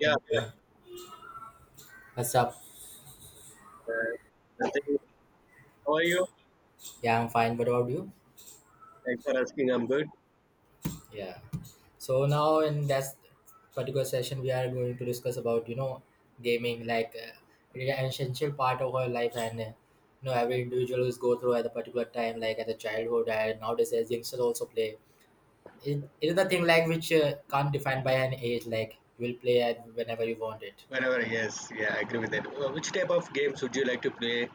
Hey, bro. What's up? uh, the how are you? Yeah, I'm fine. What about you? Thanks for asking. I'm good. Yeah. So now in that particular session, we are going to discuss about you know gaming, like really an essential part of our life, and you know every individual is go through at a particular time, like at the childhood, and nowadays as youngsters also play. It is the thing like which can't defined by an age. Like you will play at whenever you want it. Whenever, yes, yeah, I agree with that. Which type of games would you like to play?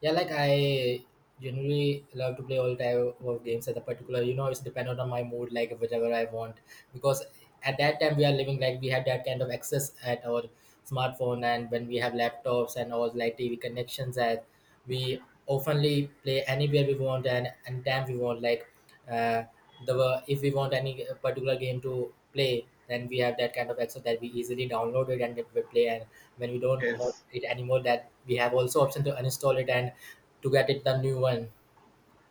Yeah, like I generally love to play all type of games at the particular, you know, it's dependent on my mood, like whichever I want. Because at that time we are living like we have that kind of access at our smartphone and when we have laptops and all like TV connections that we oftenly play anywhere we want and time we want. Like uh, the if we want any particular game to play, then we have that kind of access that we easily download it and we play and when we don't want Yes, it anymore that we have also option to uninstall it and to get it the new one.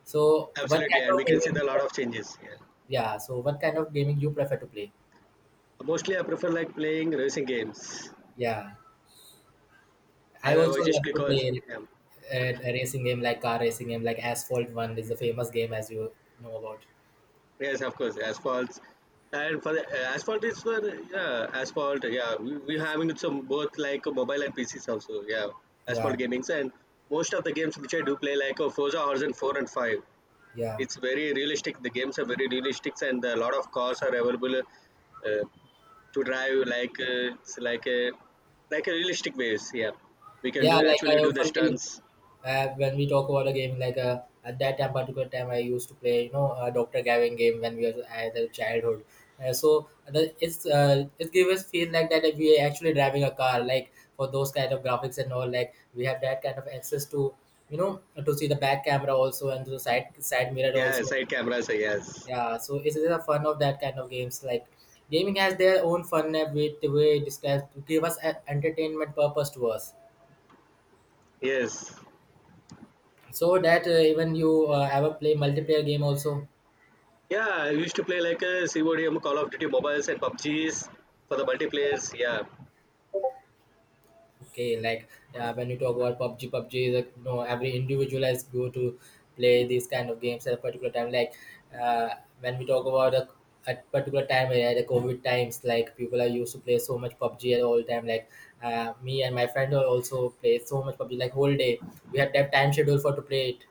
So what absolutely, kind and of we can see gaming? the lot of changes. Yeah, Yeah. So what kind of gaming you prefer to play? mostly I prefer like playing racing games. Yeah, I I I also just love to because play yeah, a racing game like car racing game like Asphalt One is the famous game as you know about. yes, of course, asphalt. And for the asphalt is for yeah, asphalt. Yeah, we having some both like mobile and PCs also. Yeah, asphalt Yeah, gamings and most of the games which I do play like Forza Horizon four and five. yeah, It's very realistic. The games are very realistic, and a lot of cars are available to drive. Like a realistic ways. Yeah, we can yeah. do Like I actually do the often play. stunts. When we talk about a game like at that time particular time I used to play you know dr gavin game when we were at the childhood, so it's it gave us feel like that we are actually driving a car like for those kind of graphics and all like we have that kind of access to you know to see the back camera also and to the side mirror Yeah, also, side cameras. Yes, yeah, so it's the fun of that kind of games like gaming has their own fun with the way it describes to give us a entertainment purpose to us. yes. So that even you ever play multiplayer game also? Yeah, I used to play like a CODM, Call of Duty mobiles and PUBGs for the multiplayers. Yeah, Okay, like when you talk about PUBG, PUBG is a, you know every individual has go to play these kind of games at a particular time. Like uh, when we talk about a at particular time the COVID times, like people are used to play so much PUBG at all time. Like me and my friend are also play so much PUBG like whole day. We had that time schedule for to play it.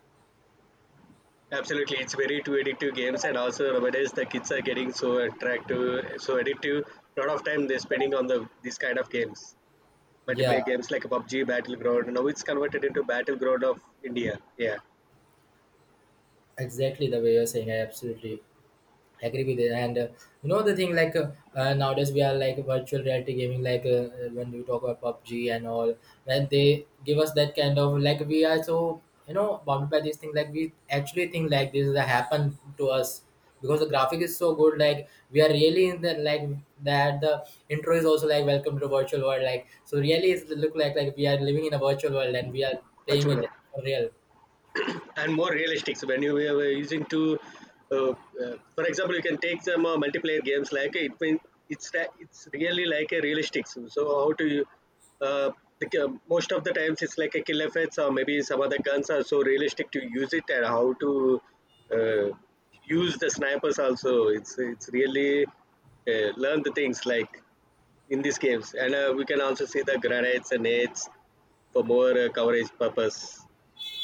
absolutely. It's very too addictive games, and also nowadays the kids are getting so attractive, so addictive. A lot of time they're spending on these kind of games. Yeah, Multiplayer games like PUBG, Battleground. Now it's converted into Battleground of India. Yeah, exactly the way you're saying. I absolutely agree with it and you know the thing like nowadays we are like virtual reality gaming like when we talk about PUBG and all when they give us that kind of like we are so you know bounded by this thing like we actually think like this is a happen to us because the graphic is so good like we are really in the like that the intro is also like welcome to the virtual world like so really it's look like we are living in a virtual world and we are much playing it more for real. and more realistic. So when you were using to, for example, you can take some multiplayer games like it. It's it's really like a realistic. So so how to you? Uh, the, uh, most of the times it's like a kill effects or maybe some other guns are so realistic to use it and how to uh, use the snipers also it's really learn the things like in these games. And we can also see the granites and nades for more coverage purpose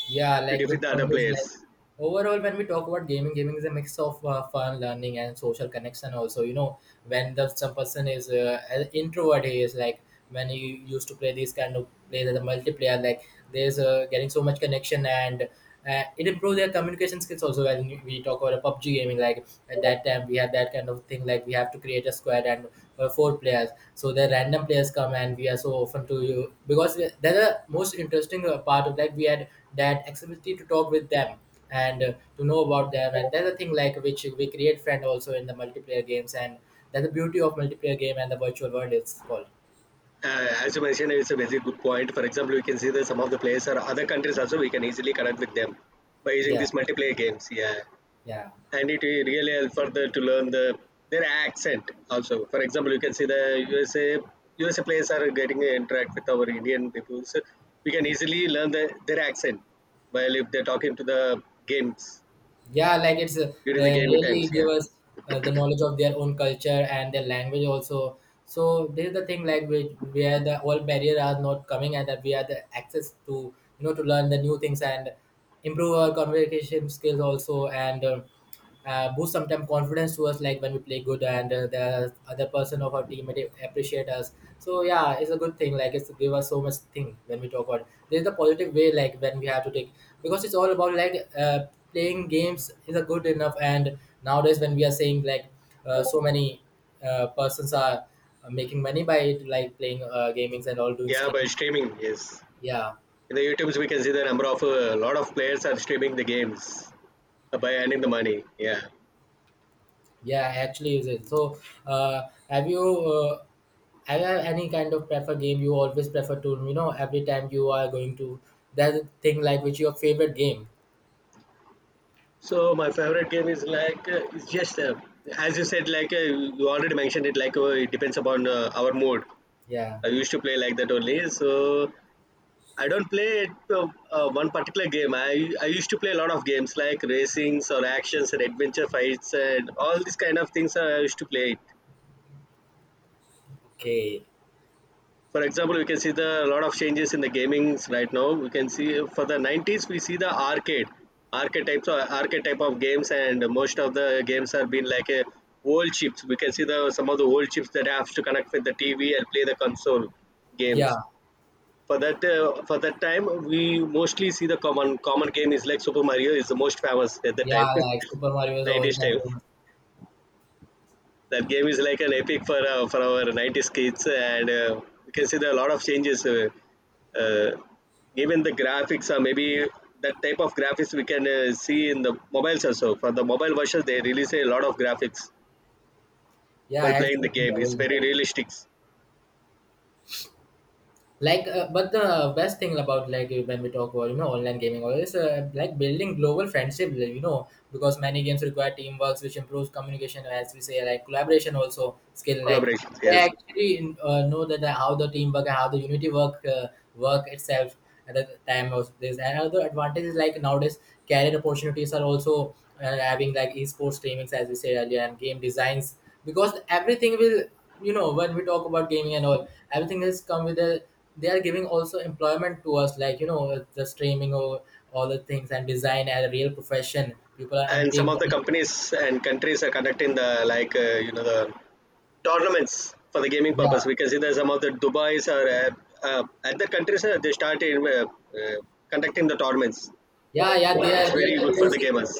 Yeah, to like defeat good the other point is like players. overall when we talk about gaming, gaming is a mix of fun, learning, and social connection. Also, you know, when the some person is an introvert, he is like when he used to play these kind of plays as a multiplayer, like there's getting so much connection and it improves their communication skills also when we talk about a PUBG gaming like at that time we had that kind of thing like we have to create a squad and 4 players, so the random players come and we are so often to you because that's the most interesting part of that we had that activity to talk with them and to know about them and that's the thing like which we create friend also in the multiplayer games and that's the beauty of multiplayer game and the virtual world it's called. As you mentioned, it's a very good point. For example, we can see that some of the players are other countries also. We can easily connect with them by using yeah these multiplayer games. Yeah, yeah and it will really help further to learn the their accent also. For example, you can see the USA players are getting to interact with our Indian people, so we can easily learn the, their accent while if they're talking to the games yeah Like it's during the gaming times. really give Yeah. us the knowledge of their own culture and their language also, so this is the thing like we, where the all barrier are not coming and that we have the access to you know to learn the new things and improve our communication skills also and boost sometimes confidence to us like when we play good and the other person of our team may appreciate us, so yeah it's a good thing like it's give us so much thing when we talk about there's the positive way like when we have to take because it's all about like playing games is a good enough and nowadays when we are saying like so many persons are making money by it like playing gamings and all doing Yeah, by streams. streaming, yes. Yeah, In the YouTubes, we can see the number of a lot of players are streaming the games by earning the money. Yeah. yeah, I actually use it. So uh, have you uh, have you any kind of prefer game you always prefer to you know every time you are going to that thing like which your favorite game. So my favorite game is like it's just as you said, like you already mentioned it. Like it depends upon our mood. Yeah. I used to play like that only. So I don't play it, one particular game. I used to play a lot of games like racings or actions and adventure fights and all these kind of things. I used to play it. Okay. For example, we can see the lot of changes in the gamings right now. We can see for the 90s, we see the arcade, archetypes or archetype of games, and most of the games have been like a old chips. We can see the some of the old chips that have to connect with the TV and play the console games. yeah For that time, we mostly see the common game is like Super Mario is the most famous at the time, yeah Like Super Mario is all 90s time time. famous. That game is like an epic for our '90s kids, and you can see there are a lot of changes. Uh, even the graphics, or maybe that type of graphics we can see in the mobiles also. For the mobile version, they release a lot of graphics Yeah, I while playing the actually game. It's love very it. realistic Like but the best thing about like when we talk about you know online gaming or is like building global friendship, you know because many games require teamwork which improves communication as we say like collaboration also skill like collaborations, they yes. actually know that how the teamwork and how the unity work work itself at the time of this and other advantages like nowadays career opportunities are also having like esports streamings as we said earlier and game designs because everything will you know when we talk about gaming and all everything has come with a they are giving also employment to us like you know the streaming or all the things and design as a real profession people are earning And some big of the money. companies and countries are conducting the like you know the tournaments for the gaming purpose. yeah We can see that some of the Dubai's or uh, other countries they started uh, conducting the tournaments. yeah yeah they are It's they are very good for the introducing, gamers.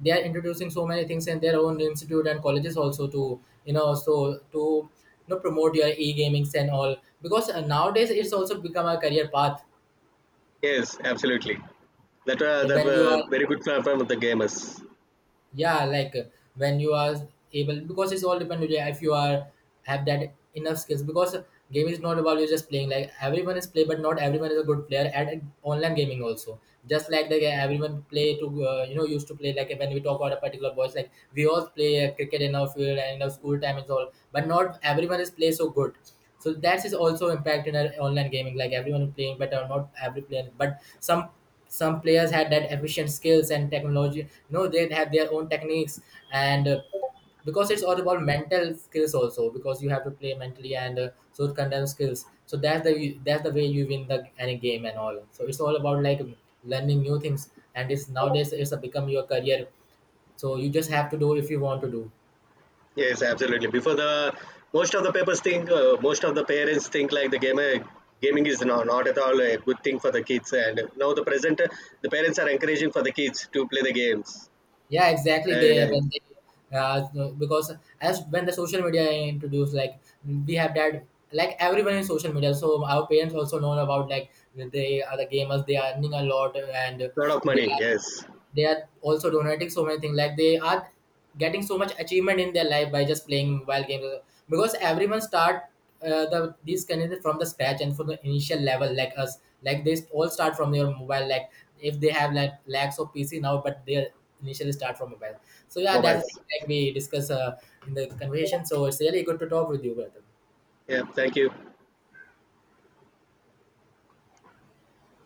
they are introducing so many things in their own institute and colleges also to you know so to you know promote your e-gamings and all because nowadays it's also become a career path. Yes, absolutely. That were Yeah, that when you were are very good for the gamers. yeah, like when you are able because it's all depend on you if you are have that enough skills because game is not about you just playing like everyone is play but not everyone is a good player at online gaming also, just like the game everyone play to you know used to play like when we talk about a particular boys like we all play cricket in our field and in our school time is all but not everyone is play so good, so that is also impact in our online gaming. Like everyone playing better, not every player, but some players had that efficient skills and technology. You know, they have their own techniques, and because it's all about mental skills also. Because you have to play mentally and so it contains skills. So that's the way you win the any game and all. So it's all about like learning new things, and it's nowadays it's a become your career. So you just have to do if you want to do. Yes, absolutely. Before the most of the papers think, most of the parents think like the gamer gaming is not, not at all a good thing for the kids. And now the present, the parents are encouraging for the kids to play the games. Yeah, exactly. They Yeah, it's when they Because as when the social media introduced like we have that like everyone in social media, so our parents also know about like they are the gamers, they are earning a lot and a lot of they money. Yes, they are also donating so many things like they are getting so much achievement in their life by just playing mobile games because everyone start these candidates from the scratch and from the initial level like us like they all start from their mobile like if they have like lakhs of pc now but they initially start from mobile. So yeah, that's the mobiles. thing like we discuss in the conversation, so it's really good to talk with you, brother. Yeah, thank you.